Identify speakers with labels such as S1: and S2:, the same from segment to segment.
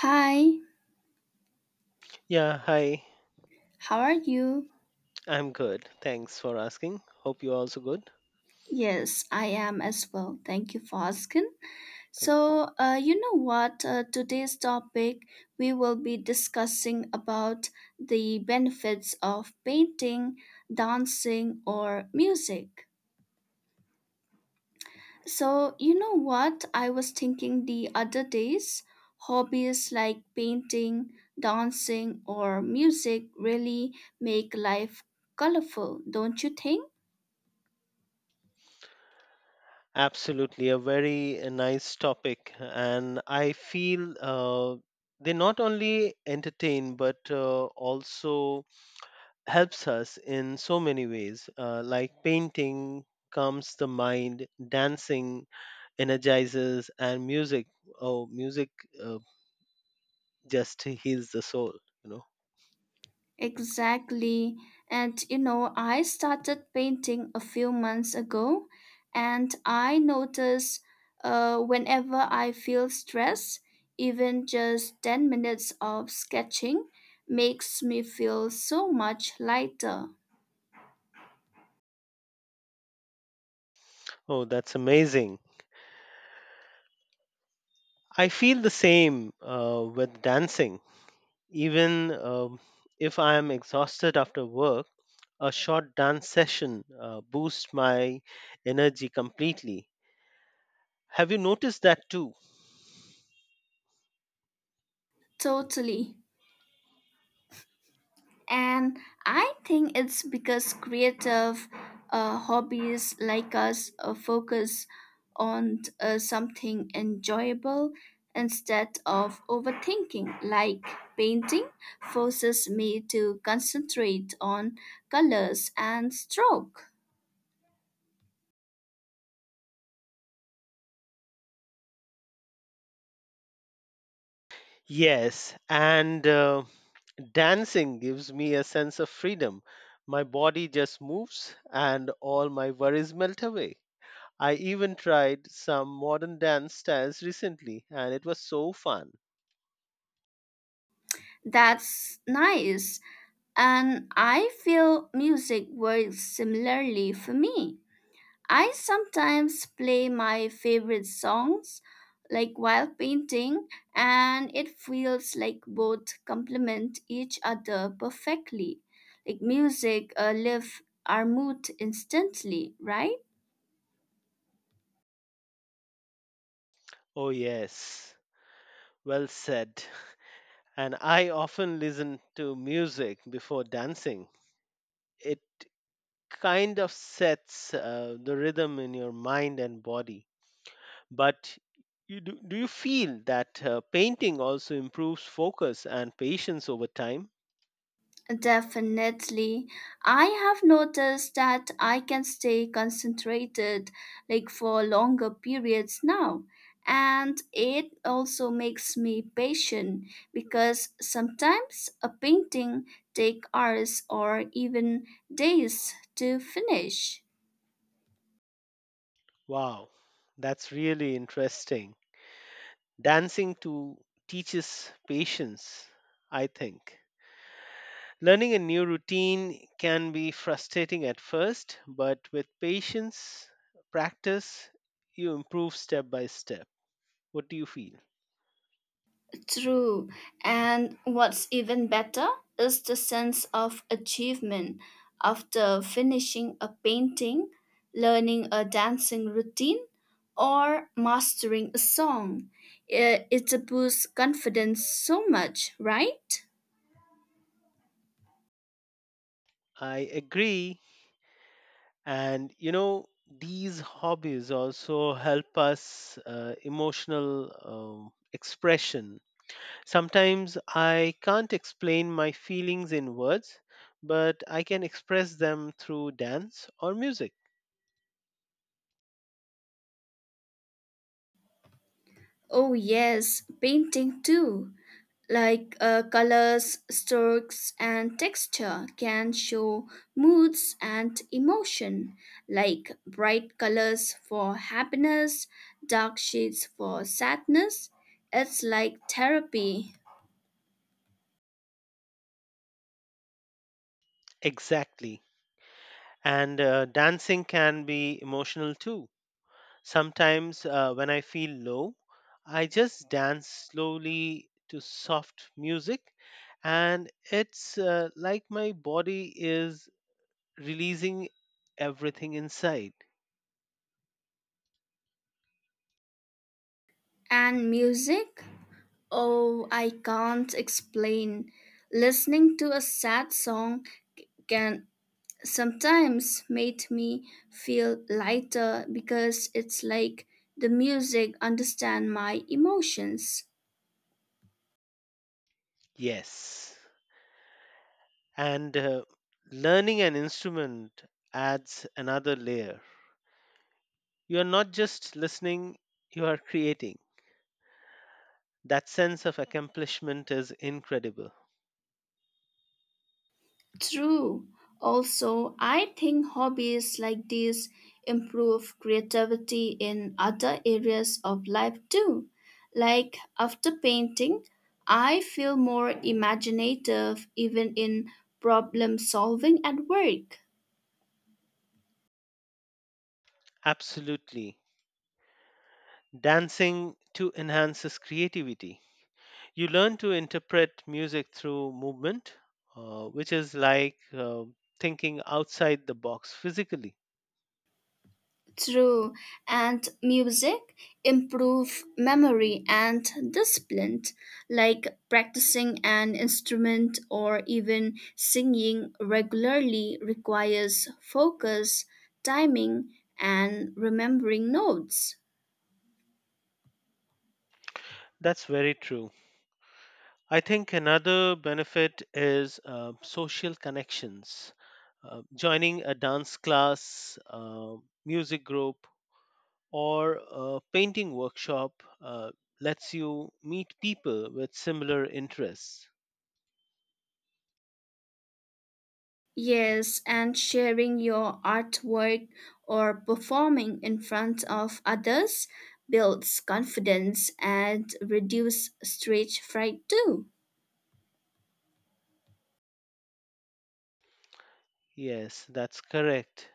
S1: Hi,
S2: Yeah, hi.
S1: how are you?
S2: I'm good. Thanks for asking. Hope you're also good.
S1: Yes, I am as well. Thank you for asking. So, you know what? Today's topic we will be discussing about the benefits of painting, dancing, or music. So, you know what? I was thinking the other days, hobbies like painting, dancing, or music really make life colorful, don't you think?
S2: Absolutely, a very nice topic. And I feel they not only entertain but also helps us in so many ways. Like painting calms the mind, dancing energizes, and music. Oh, music uh, just heals the soul. You know.
S1: Exactly. And you know, I started painting a few months ago, and I notice whenever I feel stress, even just 10 minutes of sketching makes me feel so much lighter.
S2: Oh, that's amazing. I feel the same with dancing. Even if I am exhausted after work, a short dance session boosts my energy completely. Have you noticed that too?
S1: Totally. And I think it's because creative hobbies like us focus on something enjoyable instead of overthinking. Like painting forces me to concentrate on colors and stroke.
S2: Yes, and dancing gives me a sense of freedom. My body just moves and all my worries melt away. I even tried some modern dance styles recently and it was so fun.
S1: That's nice. And I feel music works similarly for me. I sometimes play my favorite songs like while painting, and it feels like both complement each other perfectly. Like music lift our mood instantly, right?
S2: Oh, yes, well said. And I often listen to music before dancing. It kind of sets the rhythm in your mind and body. But do you feel that painting also improves focus and patience over time?
S1: Definitely. I have noticed that I can stay concentrated like for longer periods now. And it also makes me patient because sometimes a painting take hours or even days to finish.
S2: Wow, that's really interesting. Dancing to teaches patience, I think. Learning a new routine can be frustrating at first, but with patience, practice, you improve step by step. What do you feel?
S1: True. And what's even better is the sense of achievement after finishing a painting, learning a dancing routine, or mastering a song. It boosts confidence so much, right?
S2: I agree. And you know, these hobbies also help us emotional expression. Sometimes I can't explain my feelings in words, but I can express them through dance or music.
S1: Oh, yes, painting too. Like colors, strokes, and texture can show moods and emotion, like bright colors for happiness, dark shades for sadness. It's like therapy.
S2: Exactly. And dancing can be emotional too. Sometimes when I feel low, I just dance slowly to soft music, and it's like my body is releasing everything inside.
S1: And music? Oh, I can't explain. Listening to a sad song can sometimes made me feel lighter because it's like the music understand my emotions.
S2: Yes. And learning an instrument adds another layer. You are not just listening, you are creating. That sense of accomplishment is incredible.
S1: True. Also, I think hobbies like these improve creativity in other areas of life too. Like after painting, I feel more imaginative even in problem solving at work.
S2: Absolutely. Dancing to enhances creativity. You learn to interpret music through movement, which is like thinking outside the box physically.
S1: True, and music improve memory and discipline, like practicing an instrument or even singing regularly requires focus, timing, and remembering notes.
S2: That's very true. I think another benefit is social connections. Joining a dance class, music group, or a painting workshop lets you meet people with similar interests.
S1: Yes, and sharing your artwork or performing in front of others builds confidence and reduce stage fright too.
S2: Yes, that's correct.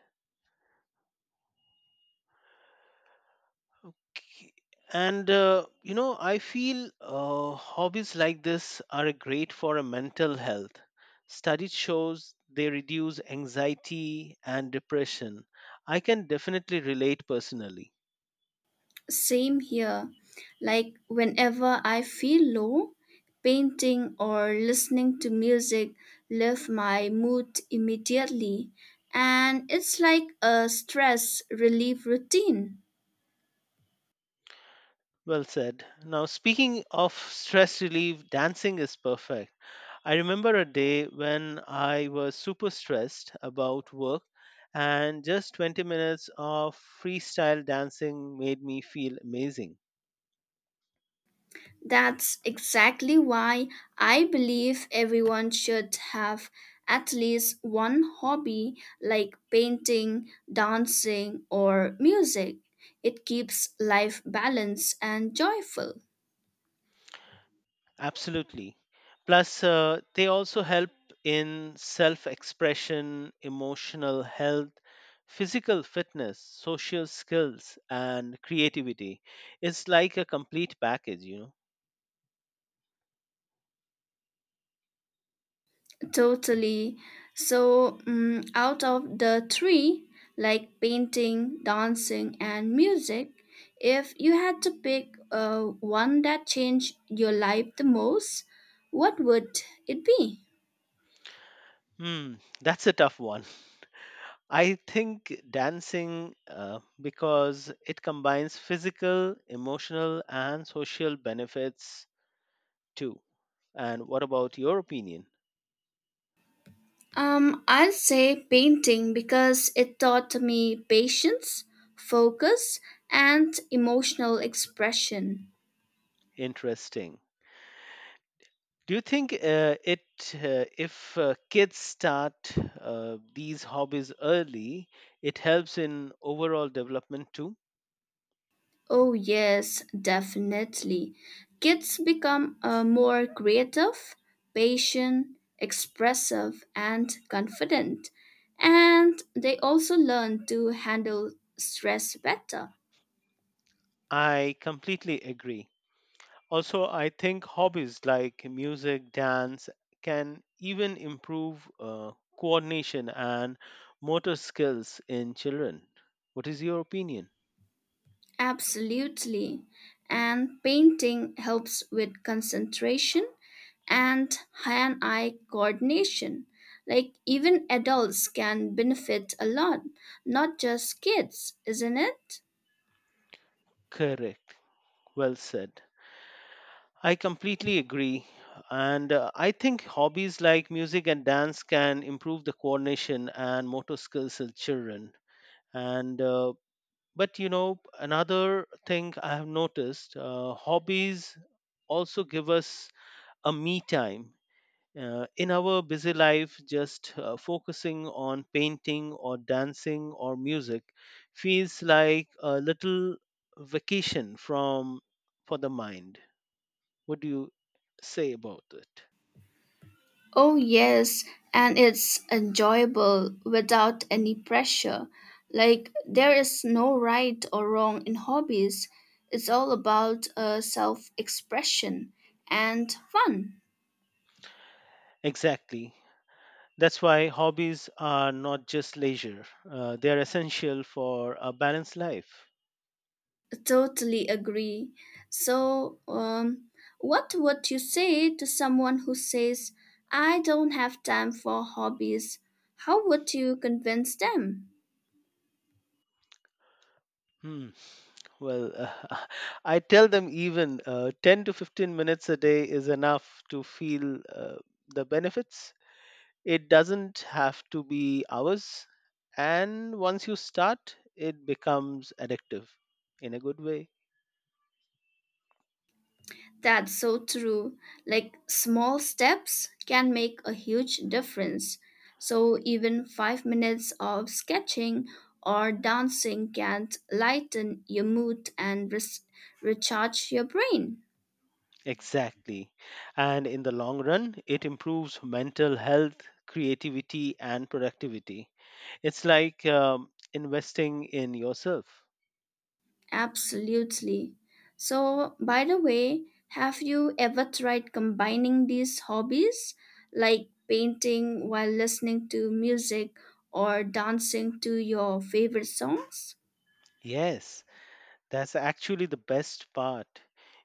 S2: Okay. And I feel hobbies like this are great for a mental health. Studies shows they reduce anxiety and depression. I can definitely relate personally.
S1: Same here. Like whenever I feel low, painting or listening to music lift my mood immediately. And it's like a stress relief routine.
S2: Well said. Now, speaking of stress relief, dancing is perfect. I remember a day when I was super stressed about work, and just 20 minutes of freestyle dancing made me feel amazing.
S1: That's exactly why I believe everyone should have at least one hobby like painting, dancing, or music. It keeps life balanced and joyful.
S2: Absolutely. Plus, they also help in self expression, emotional health, physical fitness, social skills, and creativity. It's like a complete package.
S1: Totally. So, out of the three, like painting, dancing, and music, if you had to pick one that changed your life the most, what would it be?
S2: Hmm, that's a tough one. I think dancing because it combines physical, emotional, and social benefits too. And what about your opinion?
S1: I'll say painting because it taught me patience, focus, and emotional expression.
S2: Interesting. Do you think it if kids start these hobbies early, it helps in overall development too?
S1: Oh, yes, definitely. Kids become more creative, patient, expressive, and confident. And they also learn to handle stress better.
S2: I completely agree. Also, I think hobbies like music, dance can even improve coordination and motor skills in children. What is your opinion?
S1: Absolutely. And painting helps with concentration and hand eye coordination. Like, even adults can benefit a lot, not just kids, isn't it?
S2: Correct. Well said. I completely agree. And I think hobbies like music and dance can improve the coordination and motor skills in children. And but another thing I have noticed, hobbies also give us a me time. In our busy life, just focusing on painting or dancing or music feels like a little vacation from for the mind. What do you say about it?
S1: Oh, yes, and it's enjoyable without any pressure. Like, there is no right or wrong in hobbies, it's all about self expression and fun.
S2: Exactly. That's why hobbies are not just leisure, they are essential for a balanced life.
S1: Totally agree. So, what would you say to someone who says, I don't have time for hobbies? How would you convince them?
S2: Hmm. Well, I tell them even 10 to 15 minutes a day is enough to feel the benefits. It doesn't have to be hours. And once you start, it becomes addictive in a good way.
S1: That's so true. Like small steps can make a huge difference. So even 5 minutes of sketching or dancing can lighten your mood and recharge your brain.
S2: Exactly. And in the long run, it improves mental health, creativity, and productivity. It's like investing in yourself.
S1: Absolutely. So, by the way, have you ever tried combining these hobbies like painting while listening to music or dancing to your favorite songs?
S2: Yes, that's actually the best part.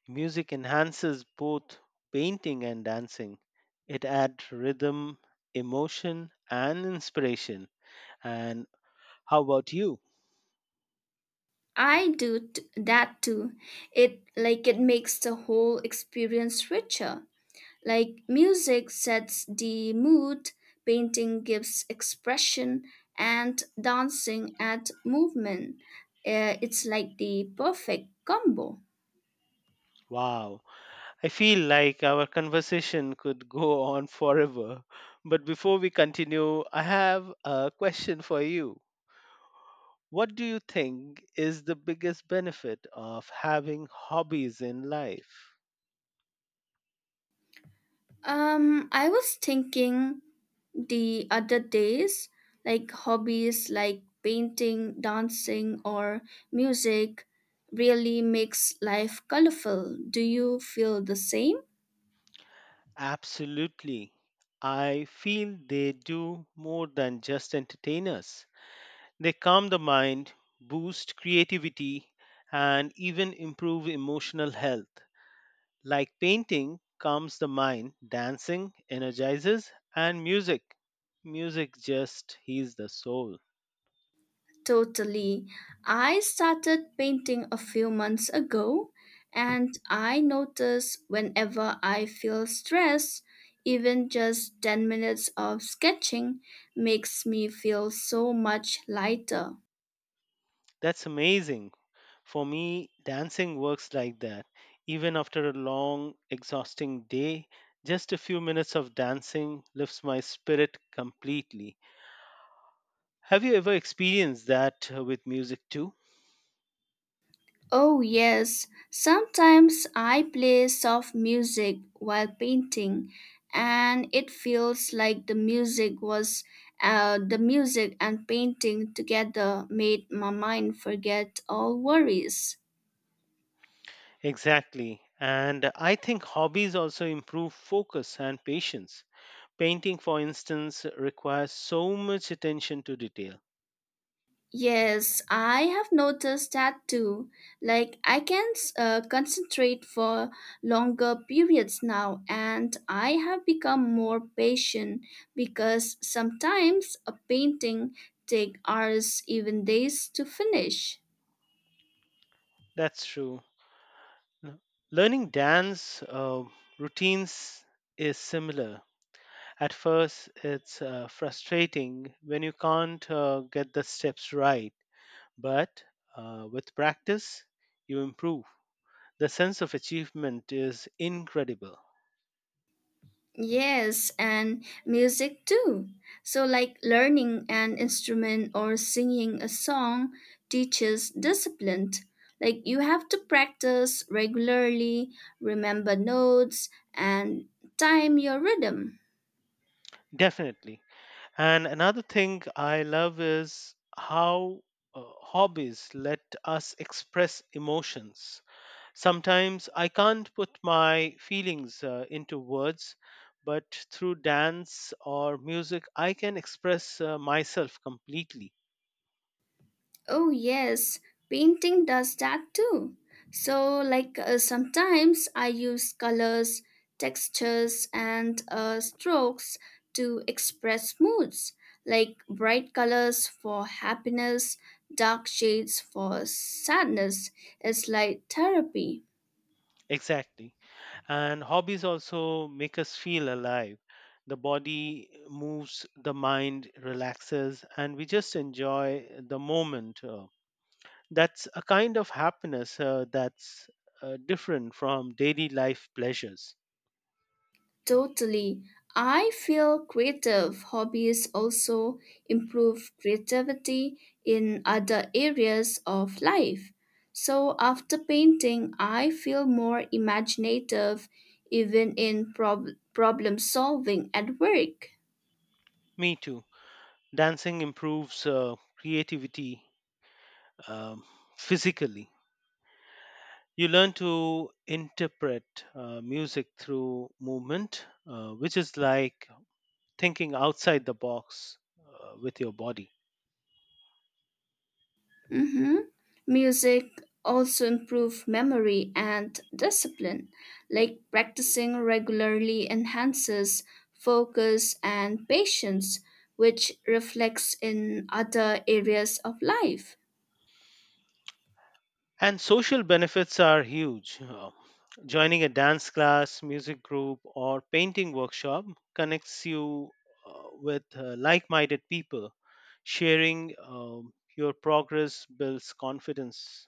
S2: Music enhances both painting and dancing. It adds rhythm, emotion, and inspiration. And how about you?
S1: That too. It like it makes the whole experience richer. Like music sets the mood, painting gives expression, and dancing adds movement. It's like the perfect combo.
S2: Wow, I feel like our conversation could go on forever. But before we continue, I have a question for you. What do you think is the biggest benefit of having hobbies in life?
S1: I was thinking the other days, like hobbies like painting, dancing, or music really makes life colorful. Do you feel the same?
S2: Absolutely. I feel they do more than just entertain us. They calm the mind, boost creativity, and even improve emotional health. Like painting calms the mind, dancing energizes, and music, music just heals the soul.
S1: Totally. I started painting a few months ago, and I notice whenever I feel stressed, even just 10 minutes of sketching makes me feel so much lighter.
S2: That's amazing. For me, dancing works like that. Even after a long, exhausting day, just a few minutes of dancing lifts my spirit completely. Have you ever experienced that with music too?
S1: Oh, yes. Sometimes I play soft music while painting, and it feels like the music and painting together made my mind forget all worries.
S2: Exactly. And I think hobbies also improve focus and patience. Painting, for instance, requires so much attention to detail.
S1: Yes, I have noticed that too. Like, I can concentrate for longer periods now, and I have become more patient because sometimes a painting take hours, even days, to finish.
S2: That's true. No. Learning dance routines is similar. At first, it's frustrating when you can't get the steps right, but with practice, you improve. The sense of achievement is incredible.
S1: Yes, and music too. So, like learning an instrument or singing a song teaches discipline. Like, you have to practice regularly, remember notes, and time your rhythm.
S2: Definitely. And another thing I love is how hobbies let us express emotions. Sometimes I can't put my feelings into words, but through dance or music, I can express myself completely.
S1: Oh, yes, painting does that too. So, like, sometimes I use colors, textures, and strokes to express moods, like bright colors for happiness, dark shades for sadness. It's like therapy.
S2: Exactly. And hobbies also make us feel alive. The body moves, the mind relaxes, and we just enjoy the moment. That's a kind of happiness that's different from daily life pleasures.
S1: Totally. I feel creative hobbies also improve creativity in other areas of life. So after painting, I feel more imaginative even in problem solving at work.
S2: Me too. Dancing improves creativity, um, physically. You learn to interpret music through movement, which is like thinking outside the box with your body.
S1: Mm-hmm. Music also improves memory and discipline, like practicing regularly enhances focus and patience, which reflects in other areas of life.
S2: And social benefits are huge. Joining a dance class, music group, or painting workshop connects you with like minded people. Sharing your progress builds confidence.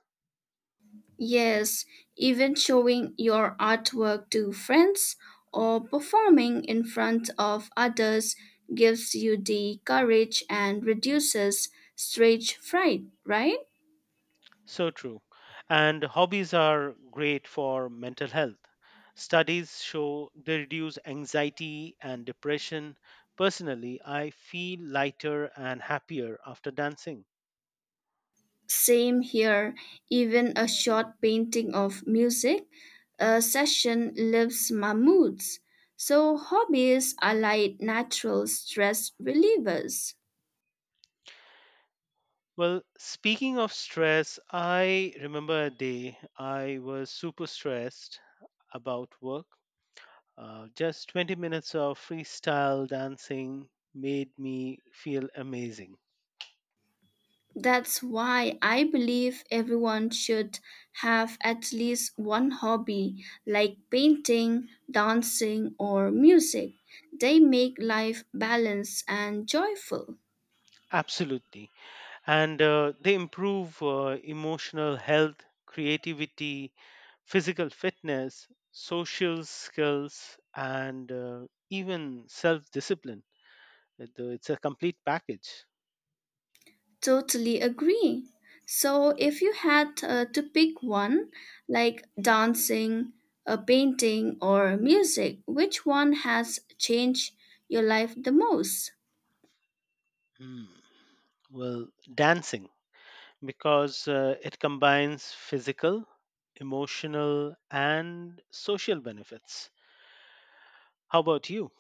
S1: Yes, even showing your artwork to friends or performing in front of others gives you the courage and reduces stage fright, right?
S2: So true. And hobbies are great for mental health. Studies show they reduce anxiety and depression. Personally, I feel lighter and happier after dancing.
S1: Same here, even a short painting of music a session lifts my moods. So, hobbies are like natural stress relievers.
S2: Well, speaking of stress, I remember a day I was super stressed about work. Just 20 minutes of freestyle dancing made me feel amazing.
S1: That's why I believe everyone should have at least one hobby like painting, dancing, or music. They make life balanced and joyful.
S2: Absolutely. And they improve emotional health, creativity, physical fitness, social skills, and even self discipline. It's a complete package.
S1: Totally agree. So, if you had to pick one, like dancing, painting, or music, which one has changed your life the most?
S2: Hmm. Well, dancing, because it combines physical, emotional, and social benefits. How about you?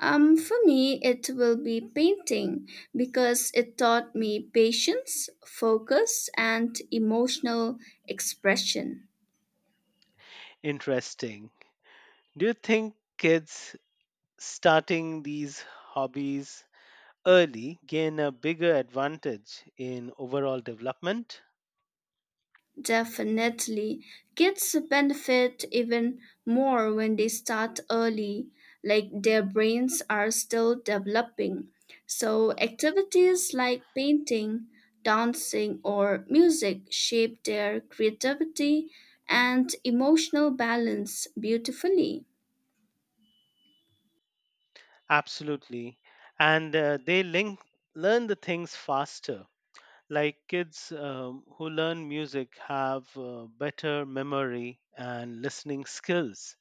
S1: For me, it will be painting because it taught me patience, focus, and emotional expression.
S2: Interesting. Do you think kids starting these hobbies early gain a bigger advantage in overall development?
S1: Definitely. Kids benefit even more when they start early, like their brains are still developing. So, activities like painting, dancing, or music shape their creativity and emotional balance beautifully.
S2: Absolutely. And they learn the things faster. Like kids who learn music have better memory and listening skills.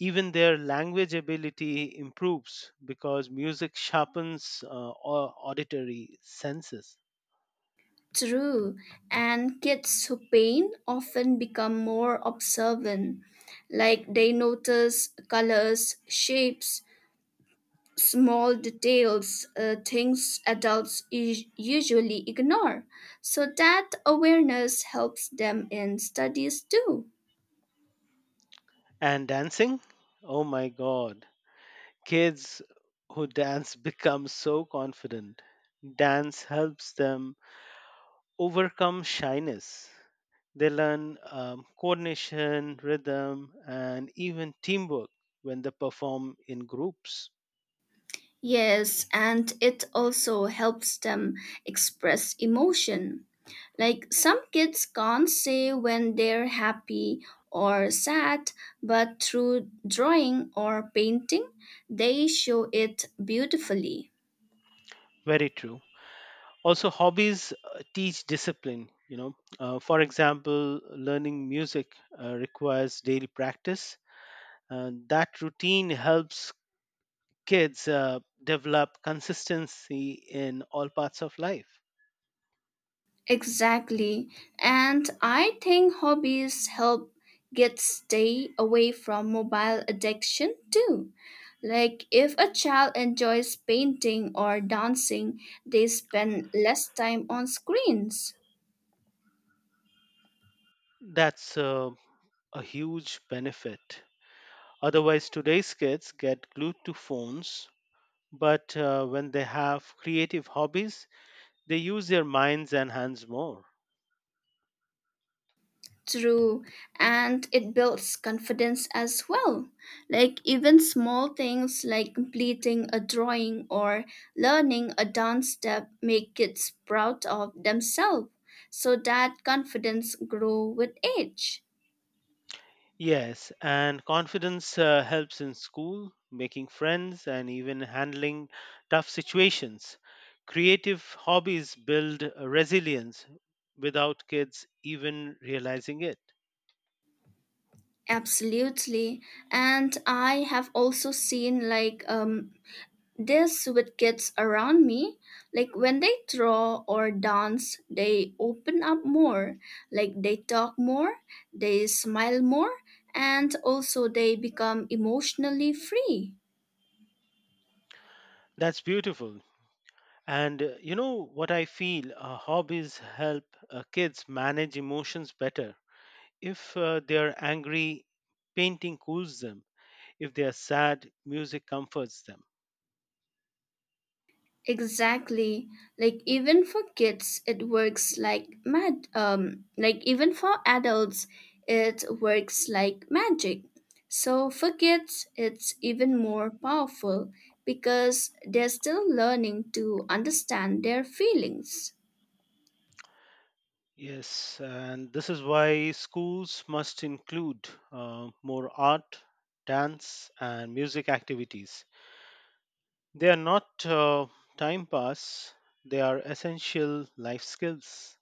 S2: Even their language ability improves because music sharpens auditory senses.
S1: True, and kids who paint often become more observant, like they notice colors, shapes, small details, things adults usually ignore. So that awareness helps them in studies too.
S2: And dancing? Oh my god, kids who dance become so confident. Dance helps them overcome shyness. They learn coordination, rhythm, and even teamwork when they perform in groups.
S1: Yes, and it also helps them express emotion. Like some kids can't say when they're happy or sad, but through drawing or painting, they show it beautifully.
S2: Very true. Also, hobbies teach discipline. For example, learning music requires daily practice, and that routine helps kids develop consistency in all parts of life.
S1: Exactly. And I think hobbies help kids stay away from mobile addiction too. Like if a child enjoys painting or dancing, they spend less time on screens.
S2: That's a huge benefit. Otherwise, today's kids get glued to phones, but when they have creative hobbies, they use their minds and hands more.
S1: True, and it builds confidence as well. Like, even small things like completing a drawing or learning a dance step make kids proud of themselves. So that confidence grow with age.
S2: Yes, and confidence helps in school, making friends, and even handling tough situations. Creative hobbies build resilience without kids even realizing it.
S1: Absolutely. And I have also seen like this with kids around me, like when they draw or dance, they open up more, like they talk more, they smile more, and also they become emotionally free.
S2: That's beautiful. And you know what I feel? Hobbies help kids manage emotions better. If they are angry, painting cools them. If they are sad, music comforts them.
S1: Exactly. Like even for kids, it works like mad. Like even for adults, it works like magic. So for kids, it's even more powerful because they're still learning to understand their feelings.
S2: Yes, and this is why schools must include more art, dance, and music activities. They are not time pass, they are essential life skills.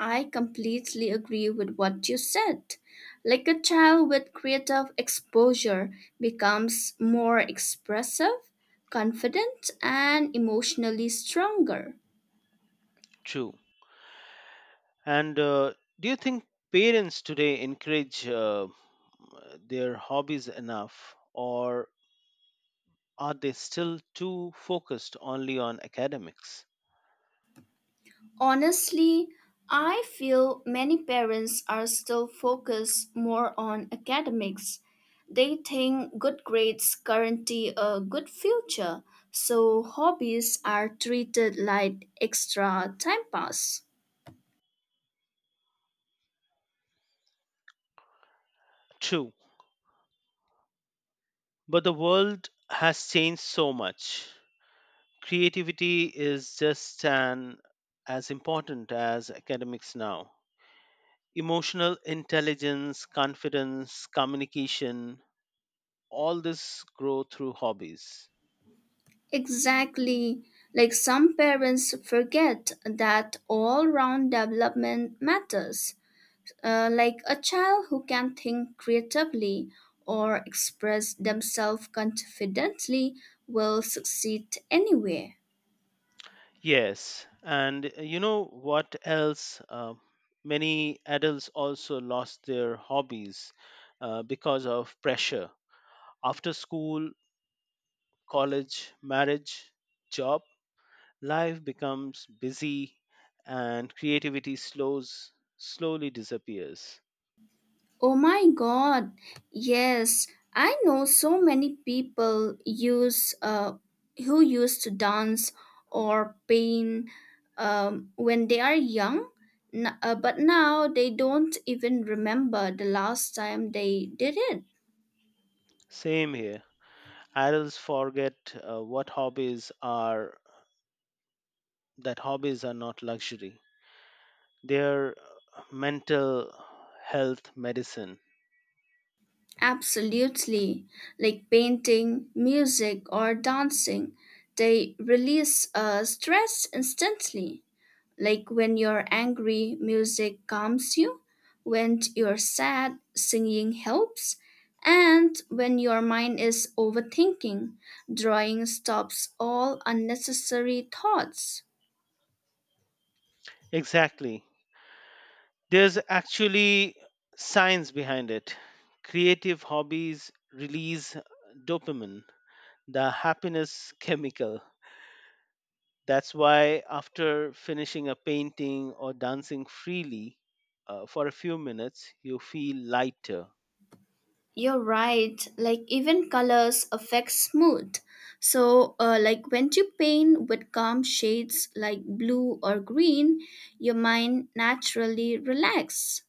S1: I completely agree with what you said. Like a child with creative exposure becomes more expressive, confident, and emotionally stronger.
S2: True. And do you think parents today encourage their hobbies enough, or are they still too focused only on academics?
S1: Honestly, I feel many parents are still focused more on academics. They think good grades guarantee a good future, so hobbies are treated like extra time pass.
S2: True, but the world has changed so much. Creativity is just as important as academics now. Emotional intelligence, confidence, communication, all this grow through hobbies.
S1: Exactly. Like some parents forget that all round development matters. Like a child who can think creatively or express themselves confidently will succeed anywhere.
S2: Yes, and you know what else? Many adults also lost their hobbies because of pressure. After school, college, marriage, job, life becomes busy and creativity slowly disappears.
S1: Oh my god, yes, I know so many people use who used to dance or paint when they are young, but now they don't even remember the last time they did it.
S2: Same here. Adults forget what hobbies are, that hobbies are not luxury. They are mental health medicine.
S1: Absolutely. Like painting, music, or dancing, they release stress instantly. Like when you're angry, music calms you. When you're sad, singing helps. And when your mind is overthinking, drawing stops all unnecessary thoughts.
S2: Exactly. There's actually science behind it. Creative hobbies release dopamine, the happiness chemical. That's why, after finishing a painting or dancing freely for a few minutes, you feel lighter.
S1: You're right. Like even colors affects mood. So, like when you paint with calm shades like blue or green, your mind naturally relaxes.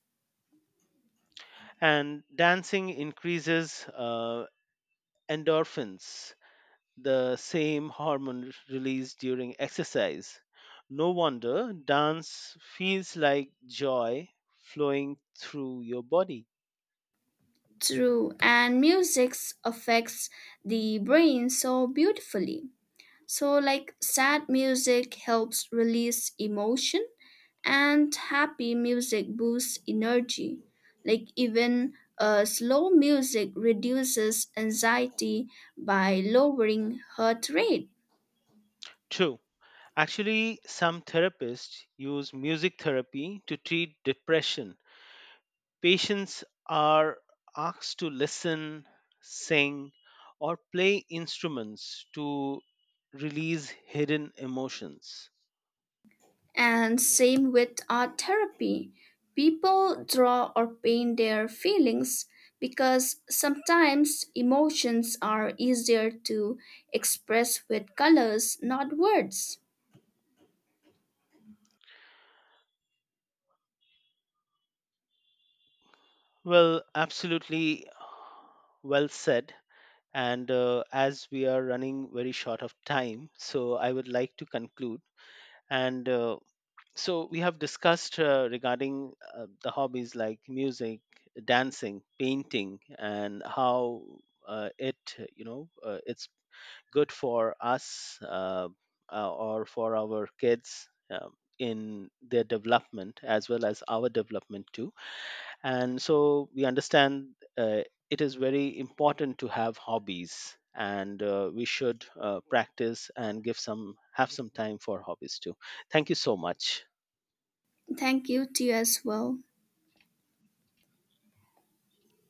S2: And dancing increases endorphins, the same hormone released during exercise. No wonder dance feels like joy flowing through your body.
S1: True, and music affects the brain so beautifully. So, like sad music helps release emotion and happy music boosts energy. Like even slow music reduces anxiety by lowering heart rate.
S2: True. Actually, some therapists use music therapy to treat depression. Patients are asked to listen, sing, or play instruments to release hidden emotions.
S1: And same with art therapy. People draw or paint their feelings because sometimes emotions are easier to express with colors, not words.
S2: Well, absolutely well said. And as we are running very short of time, so I would like to conclude. And so we have discussed regarding the hobbies like music, dancing, painting, and how uh, it, it's good for us or for our kids in their development as well as our development too, and so we understand uh, it is very important to have hobbies, and we should practice and give some have some time for hobbies too. Thank you so much.
S1: Thank you to you as well.